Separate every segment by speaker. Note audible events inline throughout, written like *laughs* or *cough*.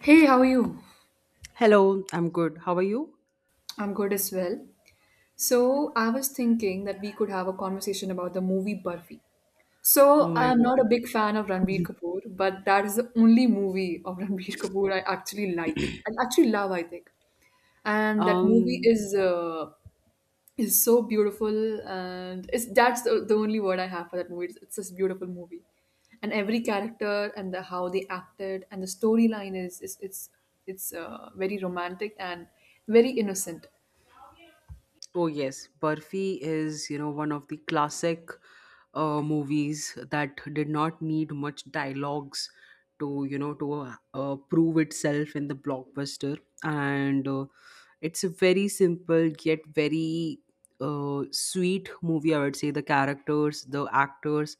Speaker 1: Hey, how are you?
Speaker 2: Hello, I'm good. How are you?
Speaker 1: I'm good as well. So, I was thinking that we could have a conversation about the movie Barfi.
Speaker 2: Oh
Speaker 1: So,
Speaker 2: my
Speaker 1: I'm not a
Speaker 2: God.
Speaker 1: big fan of Ranbir Kapoor, but that is the only movie of *laughs* Ranbir Kapoor I actually like. I actually love, I think. And that movie
Speaker 2: Um,
Speaker 1: is so beautiful, and it's that's the only word I have for that movie, it's this beautiful movie, and every character and the how they acted, and the storyline is it's very romantic and very innocent.
Speaker 2: oh yes, Barfi is, you know, one of the classic movies that did not need much dialogues to, you know, to prove itself in the blockbuster. And it's a very simple yet very sweet movie, I would say. The characters, the actors,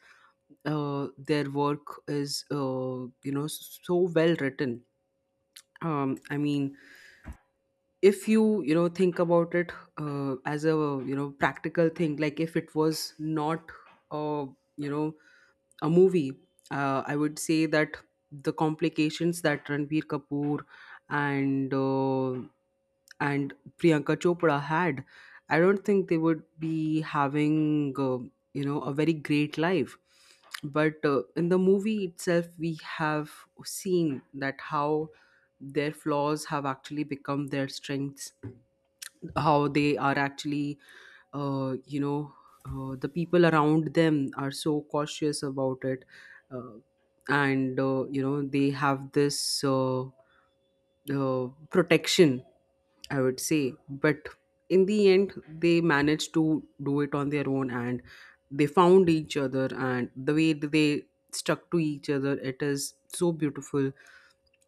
Speaker 2: their work is, you know, so well written. I mean, if you you know think about it as a practical thing, like if it was not uh, you know a movie, I would say that the complications that Ranbir Kapoor and uh, and Priyanka Chopra had, I don't think they would be having uh, a very great life. But in the movie itself, we have seen that how their flaws have actually become their strengths, how they are actually, uh, you know the people around them are so cautious about it. Uh, and uh, you know, they have this protection, I would say. But in the end, they managed to do it on their own, and they found each other. And the way that they stuck to each other, it is so beautiful.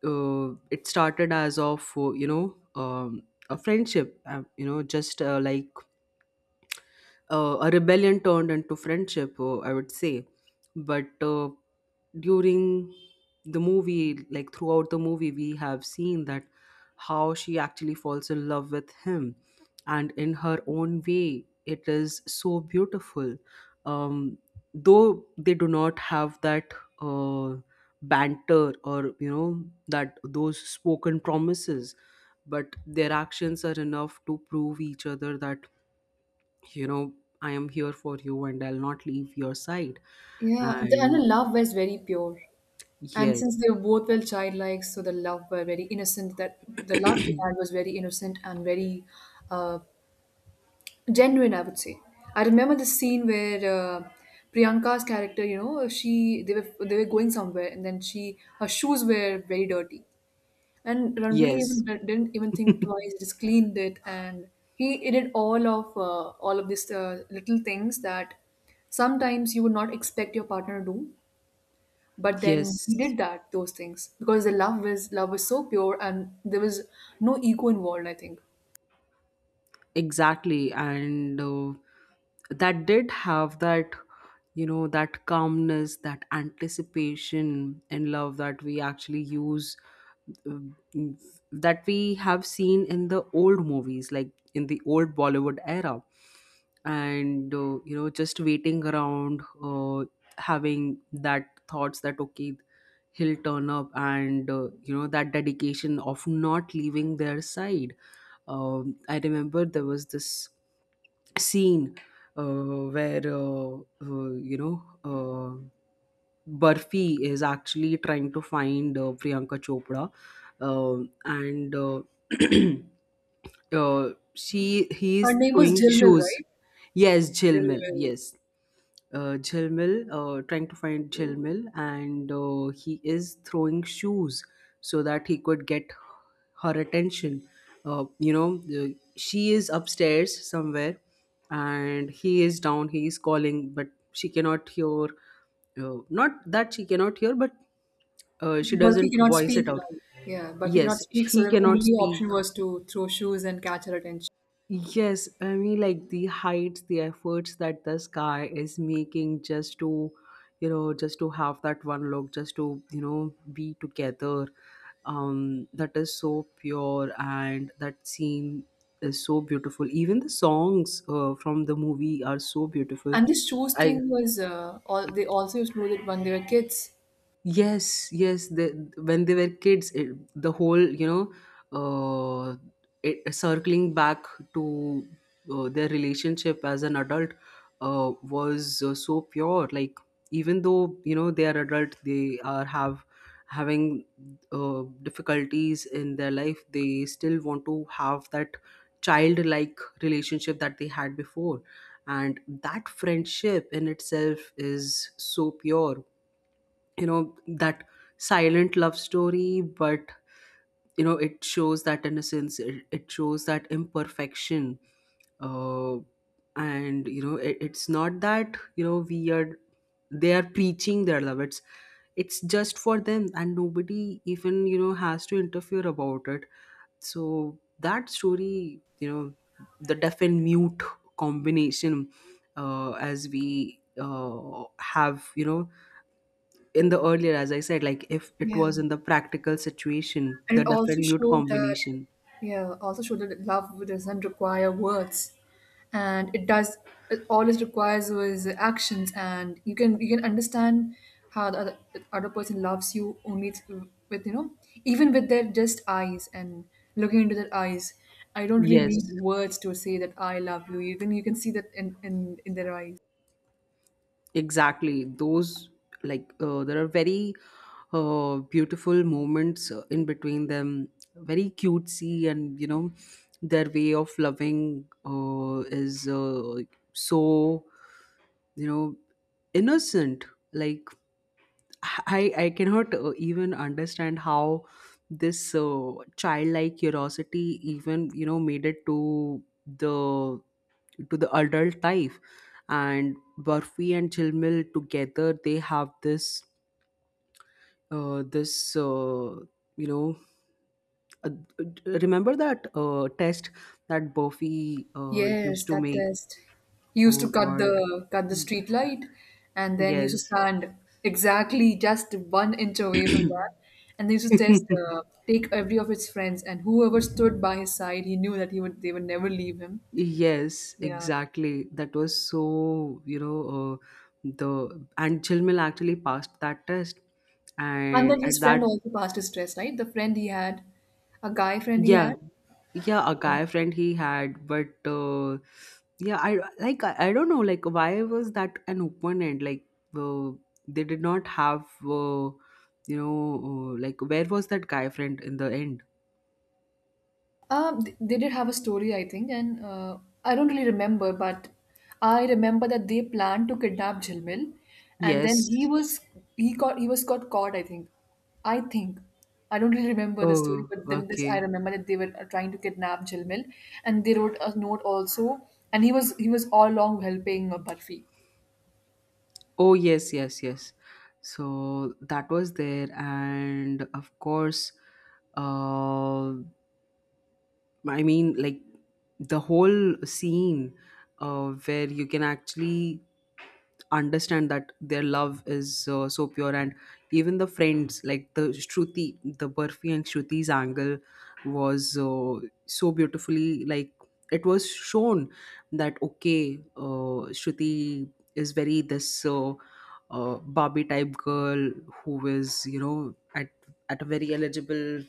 Speaker 2: It started as of, you know, a friendship, you know, just like a rebellion turned into friendship, I would say. But during the movie, like throughout the movie, we have seen that how she actually falls in love with him, and in her own way, it is so beautiful. Um, though they do not have that uh, banter or you know, that those spoken promises, but their actions are enough to prove each other that you know, I am here for you and I'll not leave your side,
Speaker 1: Yeah, and
Speaker 2: and
Speaker 1: the love was very pure. And since
Speaker 2: yes,
Speaker 1: they both were childlike, so the love were very innocent, that the love they had was very innocent and very uh, genuine, I would say. I remember the scene where Priyanka's character, she they were going somewhere, and then she her shoes were very dirty, and Ranbir
Speaker 2: yes,
Speaker 1: didn't even think twice, just cleaned it. And he did all of these little things that sometimes you would not expect your partner to do, but then he
Speaker 2: yes,
Speaker 1: did that those things, because the love was so pure, and there was no ego involved, I think.
Speaker 2: exactly. And that did have that you know, that calmness, that anticipation and love that we actually use, uh, that we have seen in the old movies, like in the old Bollywood era. And you know, just waiting around, having that thoughts that okay, he'll turn up. And you know, that dedication of not leaving their side. I remember there was this scene where uh, you know uh, Burfi is actually trying to find Priyanka Chopra. And *clears throat* she he
Speaker 1: Her
Speaker 2: is
Speaker 1: name was
Speaker 2: throwing
Speaker 1: Jilmil,
Speaker 2: shoes.
Speaker 1: right?
Speaker 2: Yes, Jilmil.
Speaker 1: Jilmil.
Speaker 2: Yes, Jhilmil, trying to find Jhilmil, and he is throwing shoes so that he could get her attention. You know, the, she is upstairs somewhere, and he is down. He is calling, but she cannot hear. Not that she cannot hear, but she
Speaker 1: But we
Speaker 2: doesn't
Speaker 1: cannot
Speaker 2: voice
Speaker 1: speak,
Speaker 2: it out.
Speaker 1: right? Yeah, but we cannot
Speaker 2: Yes,
Speaker 1: speak, so
Speaker 2: he
Speaker 1: the
Speaker 2: cannot
Speaker 1: only
Speaker 2: speak.
Speaker 1: option was to throw shoes and catch her attention.
Speaker 2: Yes, I mean, like the heights, the efforts that this guy is making just to, you know, just to have that one look, just to, you know, be together. That is so pure, and that scene is so beautiful. Even the songs from the movie are so beautiful.
Speaker 1: And this shoes
Speaker 2: I,
Speaker 1: thing was all they also used to do it when they were kids.
Speaker 2: yes, yes. The, when they were kids, it, the whole you know, it, circling back to their relationship as an adult was so pure. Like even though you know, they are adult, they are have having difficulties in their life. They still want to have that childlike relationship that they had before, and that friendship in itself is so pure, you know, that silent love story. But you know, it shows that innocence, it shows that imperfection. Uh, and you know, it's not that you know, we are they are preaching their love. It's just for them, and nobody even you know, has to interfere about it. So that story, you know, the deaf and mute combination, as we have you know, in the earlier, as I said, like if it
Speaker 1: Yeah.
Speaker 2: was in the practical situation,
Speaker 1: And
Speaker 2: the
Speaker 1: it
Speaker 2: deaf
Speaker 1: also
Speaker 2: and mute
Speaker 1: showed that,
Speaker 2: combination.
Speaker 1: yeah, also showed that love doesn't require words, and it does. All it requires was actions, and you can understand how the other person loves you, only with, even with their just eyes and looking into their eyes. I don't really need
Speaker 2: Yes,
Speaker 1: words to say that I love you. You can see that in their eyes.
Speaker 2: exactly. Those, like there are very beautiful moments in between them, very cutesy. And you know, their way of loving is so you know, innocent. Like I cannot even understand how this childlike curiosity even you know, made it to the adult life. And Burfi and Chilmil together, they have this uh, this uh, you know uh, remember that test that Buffy
Speaker 1: Yes,
Speaker 2: used to
Speaker 1: that
Speaker 2: make.
Speaker 1: test. He used to
Speaker 2: Oh
Speaker 1: cut
Speaker 2: God,
Speaker 1: the cut the street light, and then he used to
Speaker 2: yes.
Speaker 1: stand exactly just 1 inch away from that. And they used to test, uh,
Speaker 2: *clears throat*
Speaker 1: take every of his friends, and whoever stood by his side, he knew that he would they would never leave him.
Speaker 2: Yes,
Speaker 1: Yeah.
Speaker 2: exactly. That was so, you know, the, and Chilmil actually passed that test.
Speaker 1: And
Speaker 2: And
Speaker 1: then his
Speaker 2: at
Speaker 1: friend
Speaker 2: that,
Speaker 1: also passed his test, right? The friend he had, a guy friend he
Speaker 2: yeah,
Speaker 1: had.
Speaker 2: yeah, a guy friend he had. But yeah, I like I don't know, like why was that an open end? Like uh, they did not have, you know, like where was that guy friend in the end?
Speaker 1: They did have a story, I think, and I don't really remember, but I remember that they planned to kidnap Jhilmil, and then
Speaker 2: Yes.
Speaker 1: he was got caught. I think, I don't really remember the story,
Speaker 2: Oh,
Speaker 1: but then this I
Speaker 2: okay.
Speaker 1: remember that they were trying to kidnap Jhilmil, and they wrote a note also, and he was all along helping Barfi.
Speaker 2: Oh, yes, yes, yes. So that was there. And of course, uh, I mean, like the whole scene where you can actually understand that their love is so pure. And even the friends, like the Shruti, the Burfi and Shruti's angle was so beautifully, like, it was shown that, okay, Shruti is very this. Barbie type girl who is you know, at a very eligible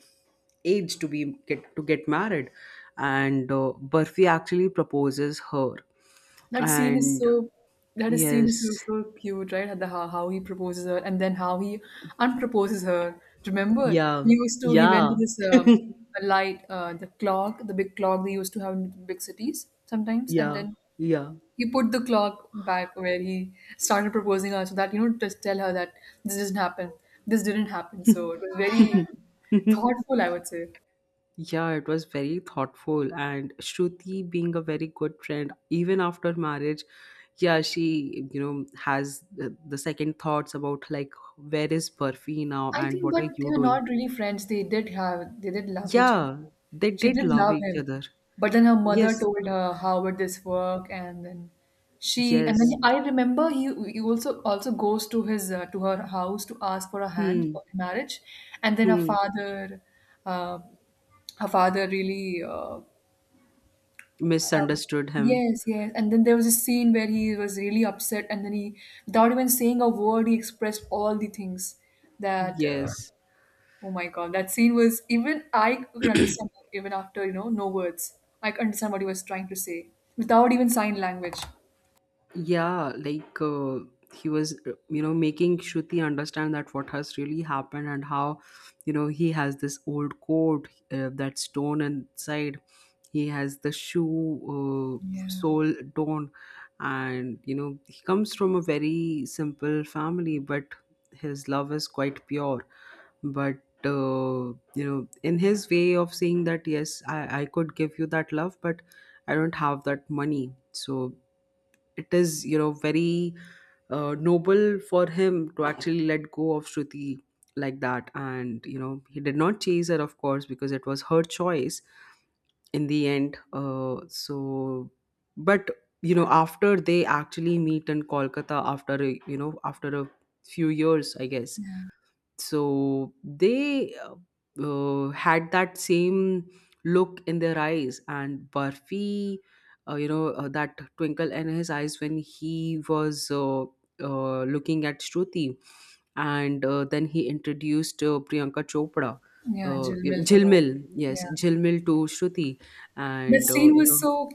Speaker 2: age to be get to get married, and Burfi actually proposes her,
Speaker 1: That scene is
Speaker 2: and
Speaker 1: so that is scene is so
Speaker 2: yes,
Speaker 1: so cute, right? How, how he proposes her, and then how he unproposes her. Remember,
Speaker 2: yeah,
Speaker 1: he went to
Speaker 2: yeah,
Speaker 1: this
Speaker 2: *laughs*
Speaker 1: light the clock, the big clock they used to have in big cities sometimes, and
Speaker 2: yeah,
Speaker 1: then
Speaker 2: yeah.
Speaker 1: he put the clock back where he started proposing her, so that you know just tell her that this didn't happen, this didn't happen. So it was very
Speaker 2: *laughs*
Speaker 1: thoughtful, I would say.
Speaker 2: Yeah, it was very thoughtful. And Shruti being a very good friend, even after marriage, yeah, she, you know, has the second thoughts about like, where is Burfi now
Speaker 1: I
Speaker 2: and
Speaker 1: think,
Speaker 2: what
Speaker 1: but
Speaker 2: are
Speaker 1: they
Speaker 2: you
Speaker 1: were
Speaker 2: doing?
Speaker 1: not really friends. They did have they did love each other.
Speaker 2: Yeah, they
Speaker 1: She
Speaker 2: did
Speaker 1: did
Speaker 2: love
Speaker 1: love
Speaker 2: each
Speaker 1: him,
Speaker 2: other.
Speaker 1: but then her mother
Speaker 2: Yes,
Speaker 1: told her how would this work, and then she and then
Speaker 2: yes.
Speaker 1: I remember he also goes to his to her house to ask for a hand
Speaker 2: Hmm,
Speaker 1: for marriage, and then
Speaker 2: hmm.
Speaker 1: uh, her father really.
Speaker 2: Misunderstood him.
Speaker 1: Yes, yes. And then there was a scene where he was really upset, and then he, without even saying a word, he expressed all the things that.
Speaker 2: Yes.
Speaker 1: Oh my God, that scene was even I could understand that even after, no words. I could understand what he was trying to say without even sign language.
Speaker 2: Yeah, like he was you know, making Shruti understand that what has really happened, and how you know, he has this old coat that stone inside, he has the shoe
Speaker 1: Yeah.
Speaker 2: sole torn. And you know, he comes from a very simple family, but his love is quite pure. But you know, in his way of saying that yes, I could give you that love, but I don't have that money. So it is you know, very noble for him to actually let go of Shruti like that. And you know, he did not chase her, of course, because it was her choice in the end. But you know, after they actually meet in Kolkata after a, you know, after a few years I guess, so they had that same look in their eyes. And Barfi, that twinkle in his eyes when he was looking at Shruti. And then he introduced Priyanka Chopra,
Speaker 1: Yeah, Jill
Speaker 2: you know,
Speaker 1: Mill to her.
Speaker 2: Jilmil, yes,
Speaker 1: Yeah.
Speaker 2: Jilmil to Shruti.
Speaker 1: That
Speaker 2: And
Speaker 1: scene
Speaker 2: you
Speaker 1: was
Speaker 2: know,
Speaker 1: so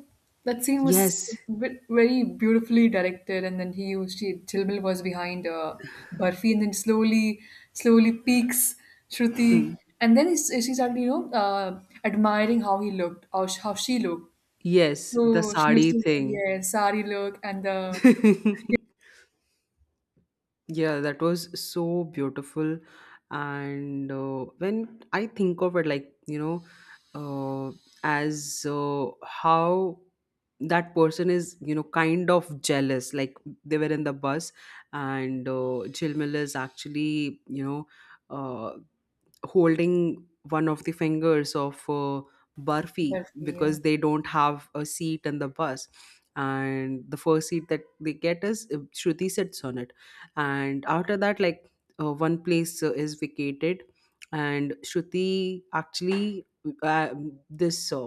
Speaker 1: that scene was
Speaker 2: yes. *laughs*
Speaker 1: very beautifully directed, and then he was she Jill Mill was behind Barfi, and then slowly slowly peeks
Speaker 2: Hmm.
Speaker 1: Shruti, and then she started admiring how he looked, how she looked.
Speaker 2: Yes, the
Speaker 1: So she used
Speaker 2: sari
Speaker 1: to,
Speaker 2: thing.
Speaker 1: yeah, sari look, and the.
Speaker 2: *laughs* Yeah, that was so beautiful. And when I think of it, like, you know, uh, as how that person is, you know, kind of jealous. Like, they were in the bus, and Jilmil is actually, you know, uh, holding one of the fingers of Barfi,
Speaker 1: But yeah,
Speaker 2: because they don't have a seat in the bus. And the first seat that they get is Shruti sits on it. And after that, like one place is vacated, and Shruti actually, uh, this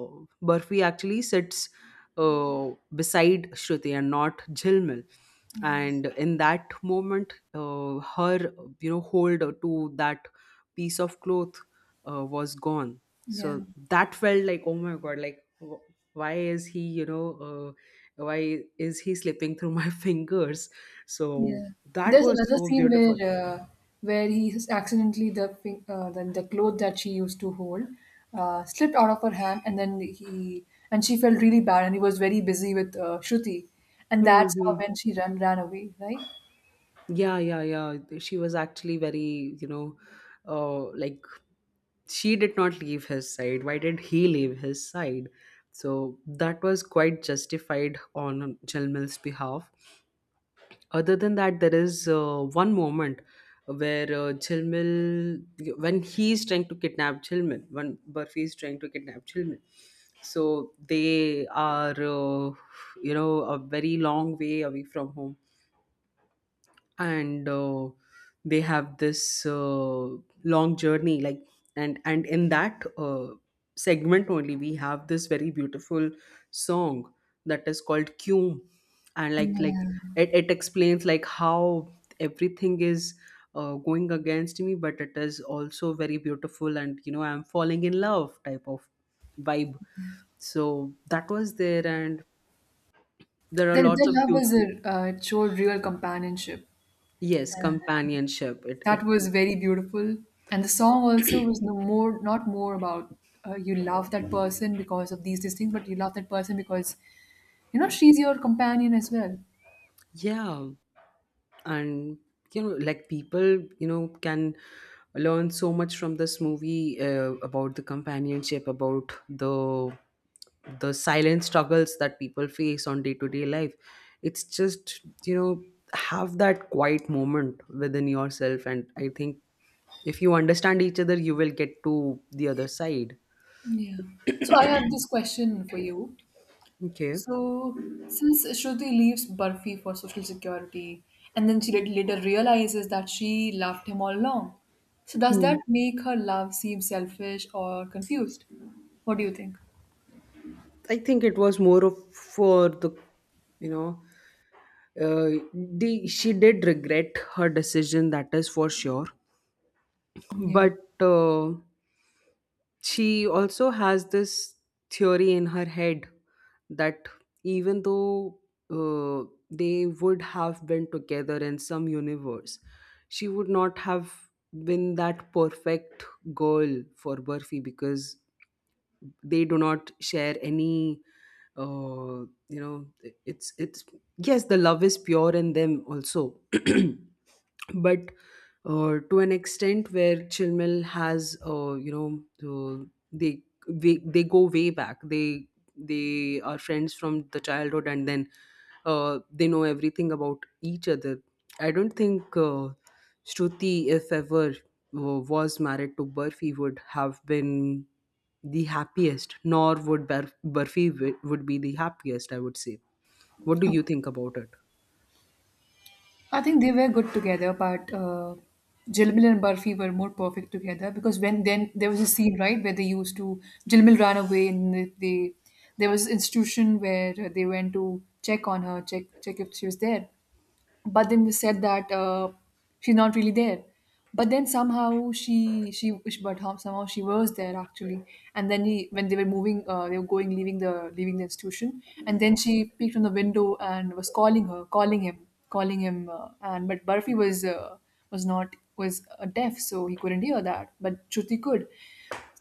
Speaker 2: Barfi actually sits beside Shruti and not Jilmil.
Speaker 1: yeah,
Speaker 2: And in that moment, her you know, hold to that piece of cloth was gone.
Speaker 1: yeah,
Speaker 2: So that felt like, oh my God, like why is he you know, why is he slipping through my *laughs* fingers. So
Speaker 1: yeah.
Speaker 2: that
Speaker 1: There's
Speaker 2: was
Speaker 1: another
Speaker 2: so
Speaker 1: scene
Speaker 2: beautiful.
Speaker 1: where he accidentally the the cloth that she used to hold slipped out of her hand, and then he and she felt really bad, and he was very busy with Shruti, and that's how,
Speaker 2: Hmm.
Speaker 1: when she ran away, right?
Speaker 2: Yeah, yeah, yeah. She was actually very, you know, like, she did not leave his side. Why did he leave his side? So that was quite justified on Jalmil's behalf. Other than that, there is one moment where Jilmil, when he is trying to kidnap Jilmil, when Burfi is trying to kidnap Jilmil, so they are, you know, a very long way away from home. And they have this long journey, like, and in that segment only, we have this very beautiful song that is called Kyum. And like, it, it explains like how everything is going against me, but it is also very beautiful. And you know, I'm falling in love type of vibe. So that was there, and there are
Speaker 1: Their
Speaker 2: lots of
Speaker 1: love
Speaker 2: cute,
Speaker 1: was a. It showed real companionship.
Speaker 2: yes, companionship, it, it.
Speaker 1: That was very beautiful, and the song also was no more not more about you love that person because of these things, but you love that person because she's your companion as well.
Speaker 2: Yeah, and you know, like people you know, can learn so much from this movie about the companionship, about the silent struggles that people face on day to day life. It's just you know, have that quiet moment within yourself. And I think if you understand each other, you will get to the other side.
Speaker 1: Yeah. So I have this question for you.
Speaker 2: Okay.
Speaker 1: So, since Shruti leaves Barfi for social security, and then she later realizes that she loved him all along, so does
Speaker 2: Hmm.
Speaker 1: that make her love seem selfish or confused? What do you think?
Speaker 2: I think it was more of for the you know, the, she did regret her decision, that is for sure.
Speaker 1: Yeah.
Speaker 2: But uh, she also has this theory in her head that even though uh, they would have been together in some universe, she would not have been that perfect girl for Burfi because they do not share any uh, you know it's yes, the love is pure in them also *clears throat* but to an extent where Chilmil has they, they go way back. They they are friends from the childhood, and then they know everything about each other. I don't think Shruti, if ever was married to Burfi, would have been the happiest, nor would Burfi would be the happiest, I would say. What do you think about it?
Speaker 1: I think they were good together, but Jilmil and Barfi were more perfect together, because when then there was a scene, right, where they used to Jilmil ran away, and there was institution where they went to check on her, check if she was there, but then you said that she's not really there, but then somehow she but how- somehow she was there actually, and then he when they were moving, they were going leaving the institution, and then she peeked from the window and was calling him, and but Barfi was deaf, so he couldn't hear that, but Shruti could.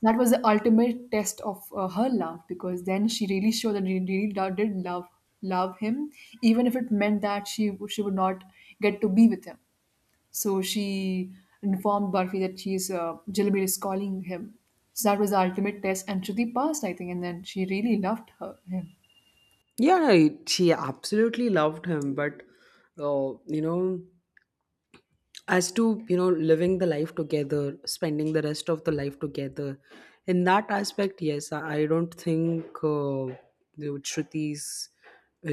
Speaker 1: That was the ultimate test of her love, because then she really showed that she really did love him, even if it meant that she would not get to be with him. So she informed Barfi that she's Jilbir is calling him. So that was the ultimate test, and Shruti passed, I think, and then she really loved her him.
Speaker 2: Yeah, she absolutely loved him, but uh, you know, as to you know living the life together, spending the rest of the life together, in that aspect, yes, I don't think the Shruti's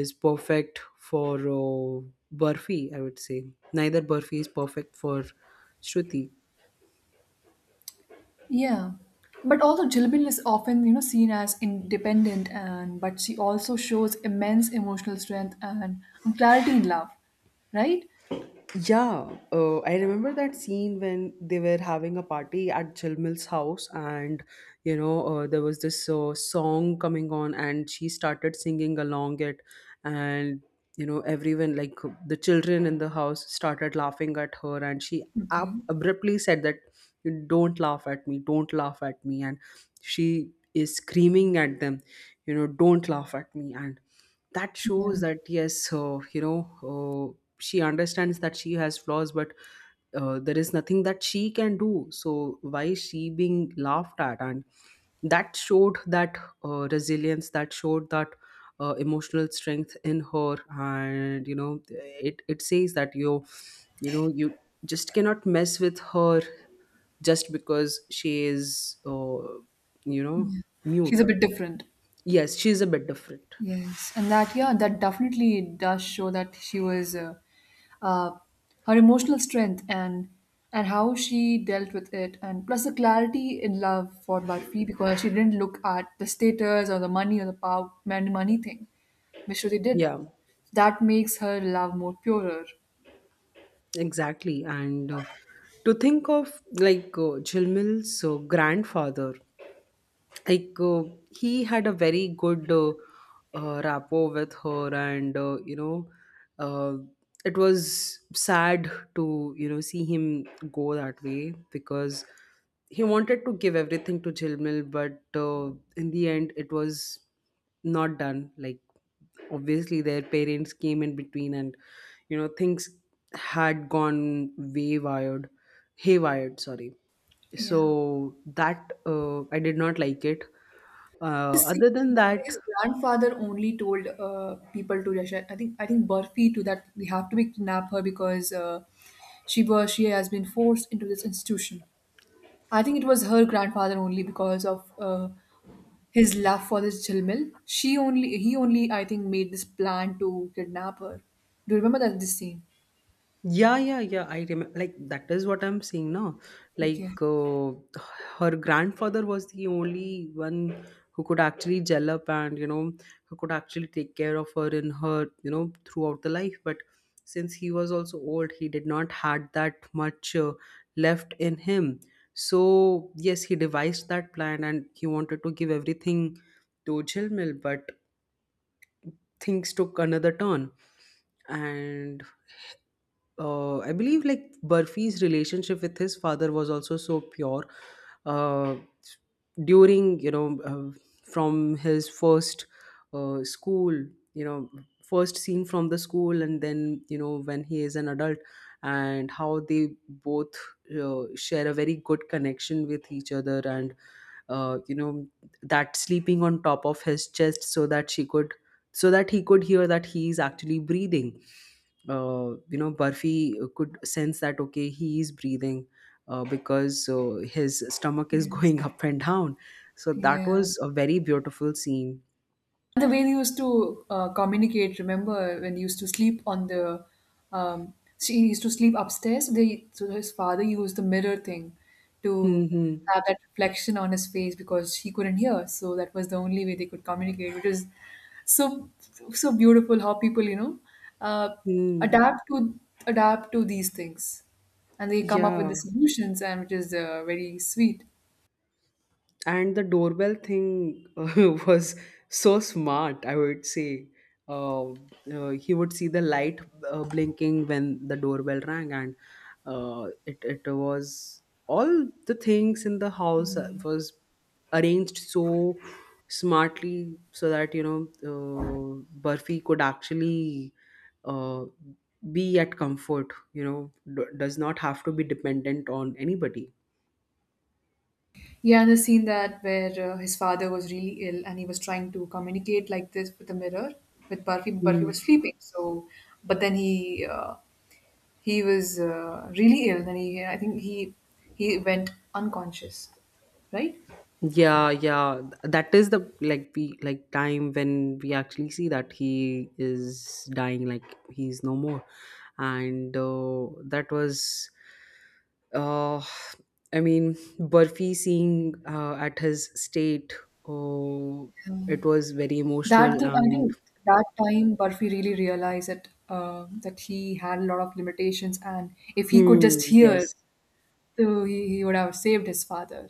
Speaker 2: is perfect for uh, burfi, I would say. Neither Burfi is perfect for Shruti.
Speaker 1: Yeah. But also Jilbil is often, seen as independent, and but she also shows immense emotional strength and clarity in love, right?
Speaker 2: Yeah, I remember that scene when they were having a party at Jill house, and you know, there was this song coming on, and she started singing along it, and you know, everyone like the children in the house started laughing at her, and she
Speaker 1: Okay.
Speaker 2: abruptly said that, "Don't laugh at me! Don't laugh at me!" And she is screaming at them, you know, "Don't laugh at me!" And that shows that, yes, uh, she understands that she has flaws, but there is nothing that she can do, so why is she being laughed at? And that showed that resilience, that showed that emotional strength in her. And you know, it says that you know, you just cannot mess with her just because she is you know
Speaker 1: She's
Speaker 2: mute.
Speaker 1: a bit different.
Speaker 2: Yes, she is a bit different.
Speaker 1: Yes, and that yeah, that definitely does show that she was uh, her emotional strength, and how she dealt with it, and plus the clarity in love for Barfi, because she didn't look at the status or the money or the power man money thing, which really did.
Speaker 2: Yeah.
Speaker 1: That makes her love more purer.
Speaker 2: Exactly. And to think of, like, Jilmil's grandfather, like, he had a very good rapport with her, and you know, uh, it was sad to, you know, see him go that way because he wanted to give everything to Jilmil, but in the end, it was not done. Like, obviously, their parents came in between, and you know, things had gone way wired, haywired, sorry.
Speaker 1: Yeah.
Speaker 2: So that I did not like it. Uh,
Speaker 1: His
Speaker 2: other than that,
Speaker 1: his grandfather only told people to Rashad. I think Burfi to that we have to be kidnap her, because she has been forced into this institution. I think it was her grandfather only, because of his love for this Jilmil. She only He only, I think, made this plan to kidnap her. Do you remember that this scene?
Speaker 2: yeah, yeah, yeah. I remember. Like, that is what I'm seeing now.
Speaker 1: Okay.
Speaker 2: Like her grandfather was the only one who could actually gel up, and you know, who could actually take care of her in her, you know, throughout the life. But since he was also old, he did not had that much left in him. So yes, he devised that plan, and he wanted to give everything to Jilmil, but things took another turn. And I believe, like, Burfi's relationship with his father was also so pure. Uh, During, you know, from his first school, you know, first scene from the school, and then you know, when he is an adult, and how they both share a very good connection with each other. And you know, that sleeping on top of his chest so that she could, so that he could hear that he is actually breathing, you know, Barfi could sense that, okay, he is breathing, because his stomach is going
Speaker 1: Yes.
Speaker 2: *laughs* up and down. So that
Speaker 1: Yeah.
Speaker 2: was a very beautiful scene.
Speaker 1: The way they used to communicate, remember when they used to sleep on um, she used to sleep upstairs. So his father used the mirror thing
Speaker 2: Hmm,
Speaker 1: to
Speaker 2: hmm.
Speaker 1: have that reflection on his face, because he couldn't hear. So that was the only way they could communicate, which is so so beautiful how people uh,
Speaker 2: Hmm.
Speaker 1: adapt to adapt to these things, and they come up with
Speaker 2: Yeah,
Speaker 1: the solutions, and which is very sweet.
Speaker 2: and the doorbell thing *laughs* was so smart, I would say. uh, he would see the light blinking when the doorbell rang, and it was all the things in the house was arranged so smartly so that you know, Burfi could actually uh, be at comfort, you know, does not have to be dependent on anybody.
Speaker 1: Yeah, and the scene that where his father was really ill, and he was trying to communicate like this, with the mirror, with Barfi, but
Speaker 2: Hmm.
Speaker 1: was sleeping. So, but then he was really ill. Then he, I think he went unconscious, right?
Speaker 2: Yeah, yeah. That is the, like, we like time when we actually see that he is dying, like he's no more. And that was, uh, I mean, Burfi seeing at his state, oh, it was very
Speaker 1: That
Speaker 2: emotional.
Speaker 1: thing, I
Speaker 2: And
Speaker 1: think that time Barfi really realized that that he had a lot of limitations, and if he could just
Speaker 2: hmm,
Speaker 1: hear,
Speaker 2: yes,
Speaker 1: so he would have saved his father.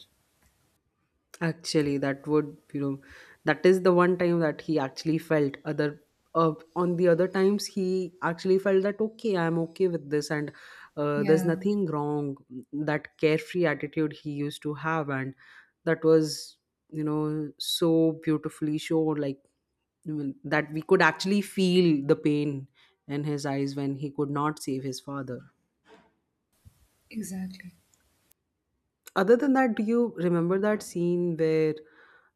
Speaker 2: actually, that would, you know, that is the one time that he actually felt other. On the other times, he actually felt that, okay, I'm okay with this, and there's
Speaker 1: Yeah,
Speaker 2: nothing wrong. That carefree attitude he used to have, and that was, you know, so beautifully shown. Like, you know, that we could actually feel the pain in his eyes when he could not save his father.
Speaker 1: exactly.
Speaker 2: Other than that, do you remember that scene where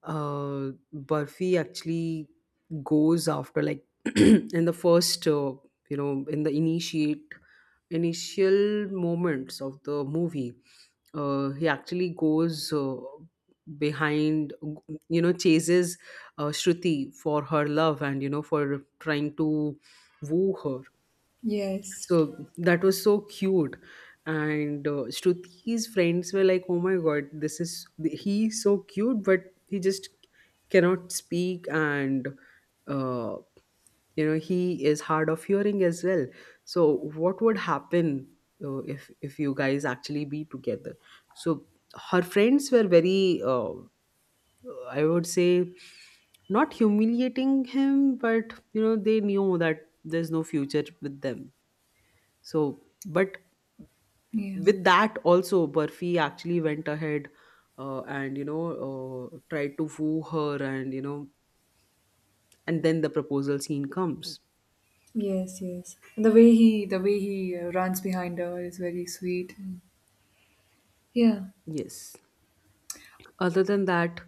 Speaker 2: Burfi actually goes after, like, *clears throat* in the first, you know, in the initiate initial moments of the movie, he actually goes behind, you know, chases Shruti for her love, and you know, for trying to woo her.
Speaker 1: Yes.
Speaker 2: So that was so cute. And Shruti's friends were like, oh my god, this is, he's so cute, but he just cannot speak. And, uh, you know, he is hard of hearing as well. So what would happen if you guys actually be together? So her friends were very, I would say, not humiliating him, but, you know, they knew that there's no future with them, so, but
Speaker 1: Yeah.
Speaker 2: with that also, Burfi actually went ahead and you know, tried to woo her, and you know, and then the proposal scene comes.
Speaker 1: Yes, yes. And the the way he runs behind her is very sweet. And yeah,
Speaker 2: Yes. Other than that,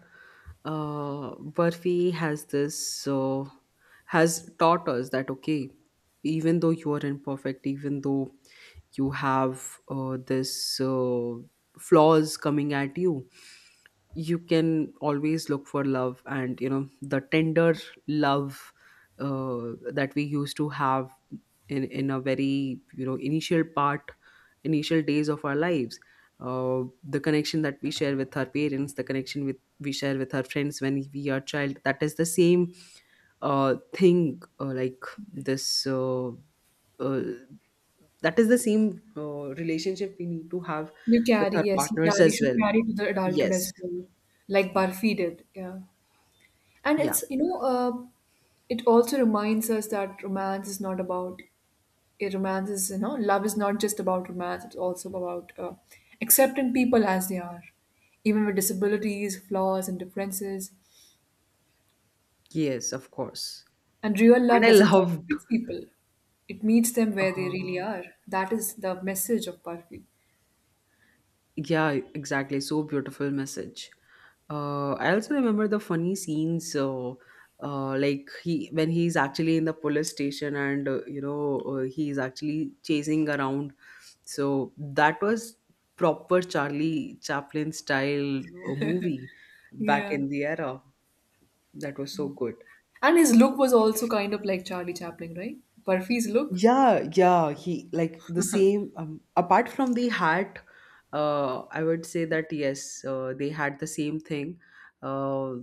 Speaker 2: Burfi has this, has taught us that, okay, even though you are imperfect, even though you have this flaws coming at you, you can always look for love. And you know, the tender love that we used to have in a very, you know, initial part, initial days of our lives, the connection that we share with our parents, the connection with we share with our friends when we are child, that is the same thing, like this uh, that is the same relationship we need to have
Speaker 1: you
Speaker 2: with
Speaker 1: carry.
Speaker 2: our
Speaker 1: Yes, he
Speaker 2: partners
Speaker 1: carry.
Speaker 2: as
Speaker 1: Should
Speaker 2: well.
Speaker 1: carry to the adulthood
Speaker 2: Yes.
Speaker 1: as well, like Barfi did. Yeah, and
Speaker 2: Yeah.
Speaker 1: it's it also reminds us that romance is not about. It romance is you know, love is not just about romance. It's also about accepting people as they are, even with disabilities, flaws, and differences.
Speaker 2: Yes, of course.
Speaker 1: And real
Speaker 2: And
Speaker 1: love
Speaker 2: I
Speaker 1: doesn't try to
Speaker 2: loved,
Speaker 1: fix people. It meets them where they really
Speaker 2: uh,
Speaker 1: are. That is the message of Barfi.
Speaker 2: yeah, exactly. So beautiful message. I also remember the funny scenes. Like, he, when he's actually in the police station, and he's actually chasing around. So that was proper Charlie Chaplin style movie back
Speaker 1: Yeah.
Speaker 2: in the era. That was so good.
Speaker 1: And his look was also kind of like Charlie Chaplin, right? Barfi's look.
Speaker 2: Yeah, yeah, he like the same. Apart from the hat, I would say that, yes, they had the same thing. Uh,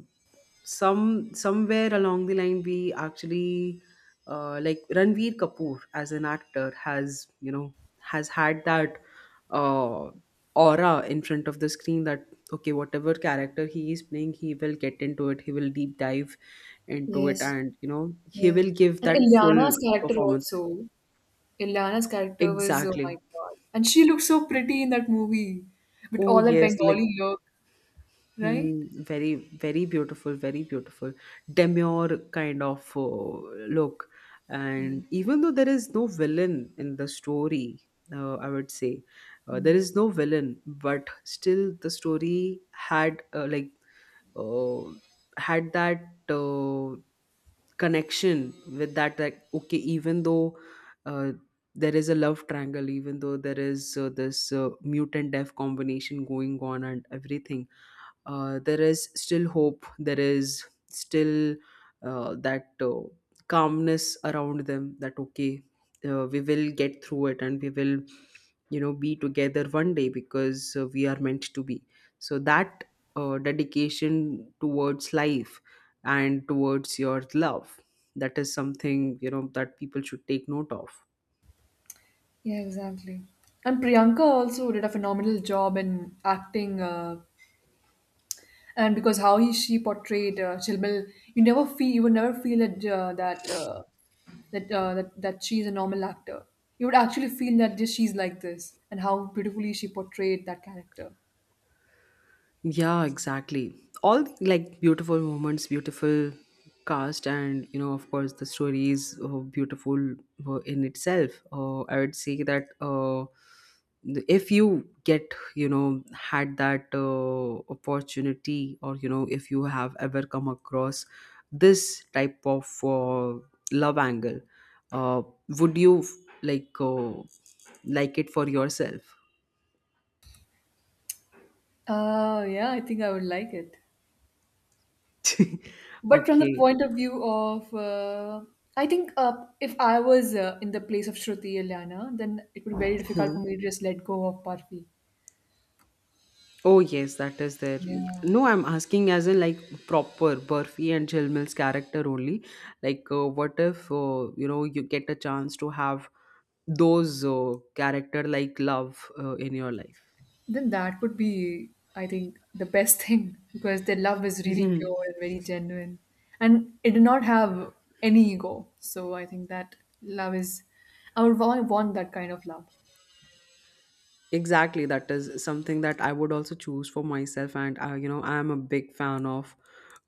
Speaker 2: some somewhere along the line, we actually like Ranveer Kapoor as an actor, has you know, has had that uh, aura in front of the screen that, okay, whatever character he is playing, he will get into it, he will deep dive into it,
Speaker 1: Yes.
Speaker 2: and you know, he
Speaker 1: Yeah.
Speaker 2: will give
Speaker 1: And
Speaker 2: that full
Speaker 1: Ilyana's character
Speaker 2: performance.
Speaker 1: also. Ilyana's character was, oh my
Speaker 2: Exactly.
Speaker 1: God. And she looked so pretty in that movie with
Speaker 2: Oh
Speaker 1: all that
Speaker 2: yes, like,
Speaker 1: Bengali look, right?
Speaker 2: mm, very, very beautiful, demure kind of look.
Speaker 1: Yeah.
Speaker 2: And even though there is no villain in the story, I would say there is no villain, but still the story had like uh, had that connection with that. Like, okay, even though uh, there is a love triangle, even though there is this mutant death combination going on and everything, there is still hope, there is still that calmness around them that, okay, we will get through it, and we will, you know, be together one day, because we are meant to be. So that dedication towards life and towards your love, that is something, you know, that people should take note of.
Speaker 1: Yeah, exactly. And Priyanka also did a phenomenal job in acting, and because how he she portrayed Chilmil, you would never feel that she's a normal actor. You would actually feel that she's like this, and how beautifully she portrayed that character.
Speaker 2: Yeah, exactly. All the, like, beautiful moments, beautiful cast, and you know, of course, the story is beautiful in itself. I would say that if you get, you know, had that opportunity, or you know, if you have ever come across this type of love angle, uh, would you like uh, like it for yourself?
Speaker 1: Yeah, I think I would like it.
Speaker 2: *laughs*
Speaker 1: But from the
Speaker 2: Okay.
Speaker 1: point of view of, I think if I was in the place of Shruti Eliana, then it would be very difficult
Speaker 2: Hmm.
Speaker 1: for me to just let go of Parfi.
Speaker 2: Oh yes, that is there.
Speaker 1: Yeah.
Speaker 2: No, I'm asking as in like proper Burfi and Jilmil's character only. Like, what if you know, you get a chance to have those character like love in your life?
Speaker 1: Then that would be, I think, the best *laughs* thing, because their love is really pure
Speaker 2: *laughs*
Speaker 1: and very genuine, and it did not have any ego, so I think that love is I would want that kind of love.
Speaker 2: Exactly, that is something that I would also choose for myself. And you know, I am a big fan of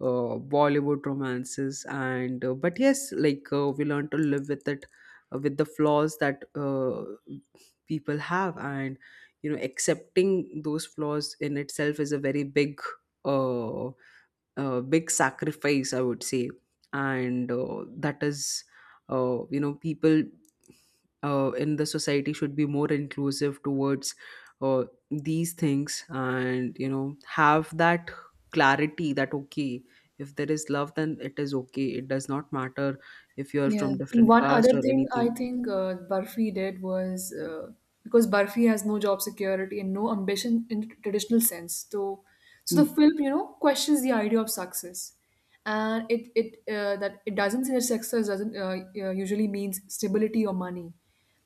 Speaker 2: Bollywood romances. And but yes, like, we learn to live with it, with the flaws that people have, and you know, accepting those flaws in itself is a very big uh, big sacrifice, I would say. And that is you know, people in the society should be more inclusive towards uh, these things, and you know, have that clarity that, okay, if there is love, then it is okay, it does not matter if you're
Speaker 1: Yeah,
Speaker 2: from
Speaker 1: and
Speaker 2: different
Speaker 1: one other
Speaker 2: caste or
Speaker 1: thing I
Speaker 2: anything.
Speaker 1: think Barfi did was, because Barfi has no job security and no ambition in traditional sense. So, the
Speaker 2: Mm,
Speaker 1: film, questions the idea of success, and it doesn't say that success doesn't usually means stability or money.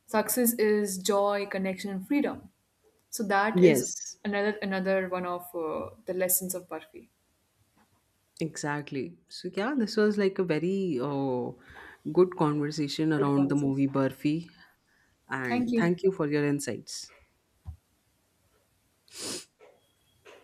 Speaker 1: Success is joy, connection, and freedom. So that is
Speaker 2: yes,
Speaker 1: another one of the lessons of Barfi.
Speaker 2: exactly. So yeah, this was like a very good conversation
Speaker 1: Good
Speaker 2: around the
Speaker 1: conversation.
Speaker 2: movie Burfi. And
Speaker 1: Thank you.
Speaker 2: thank you for your insights.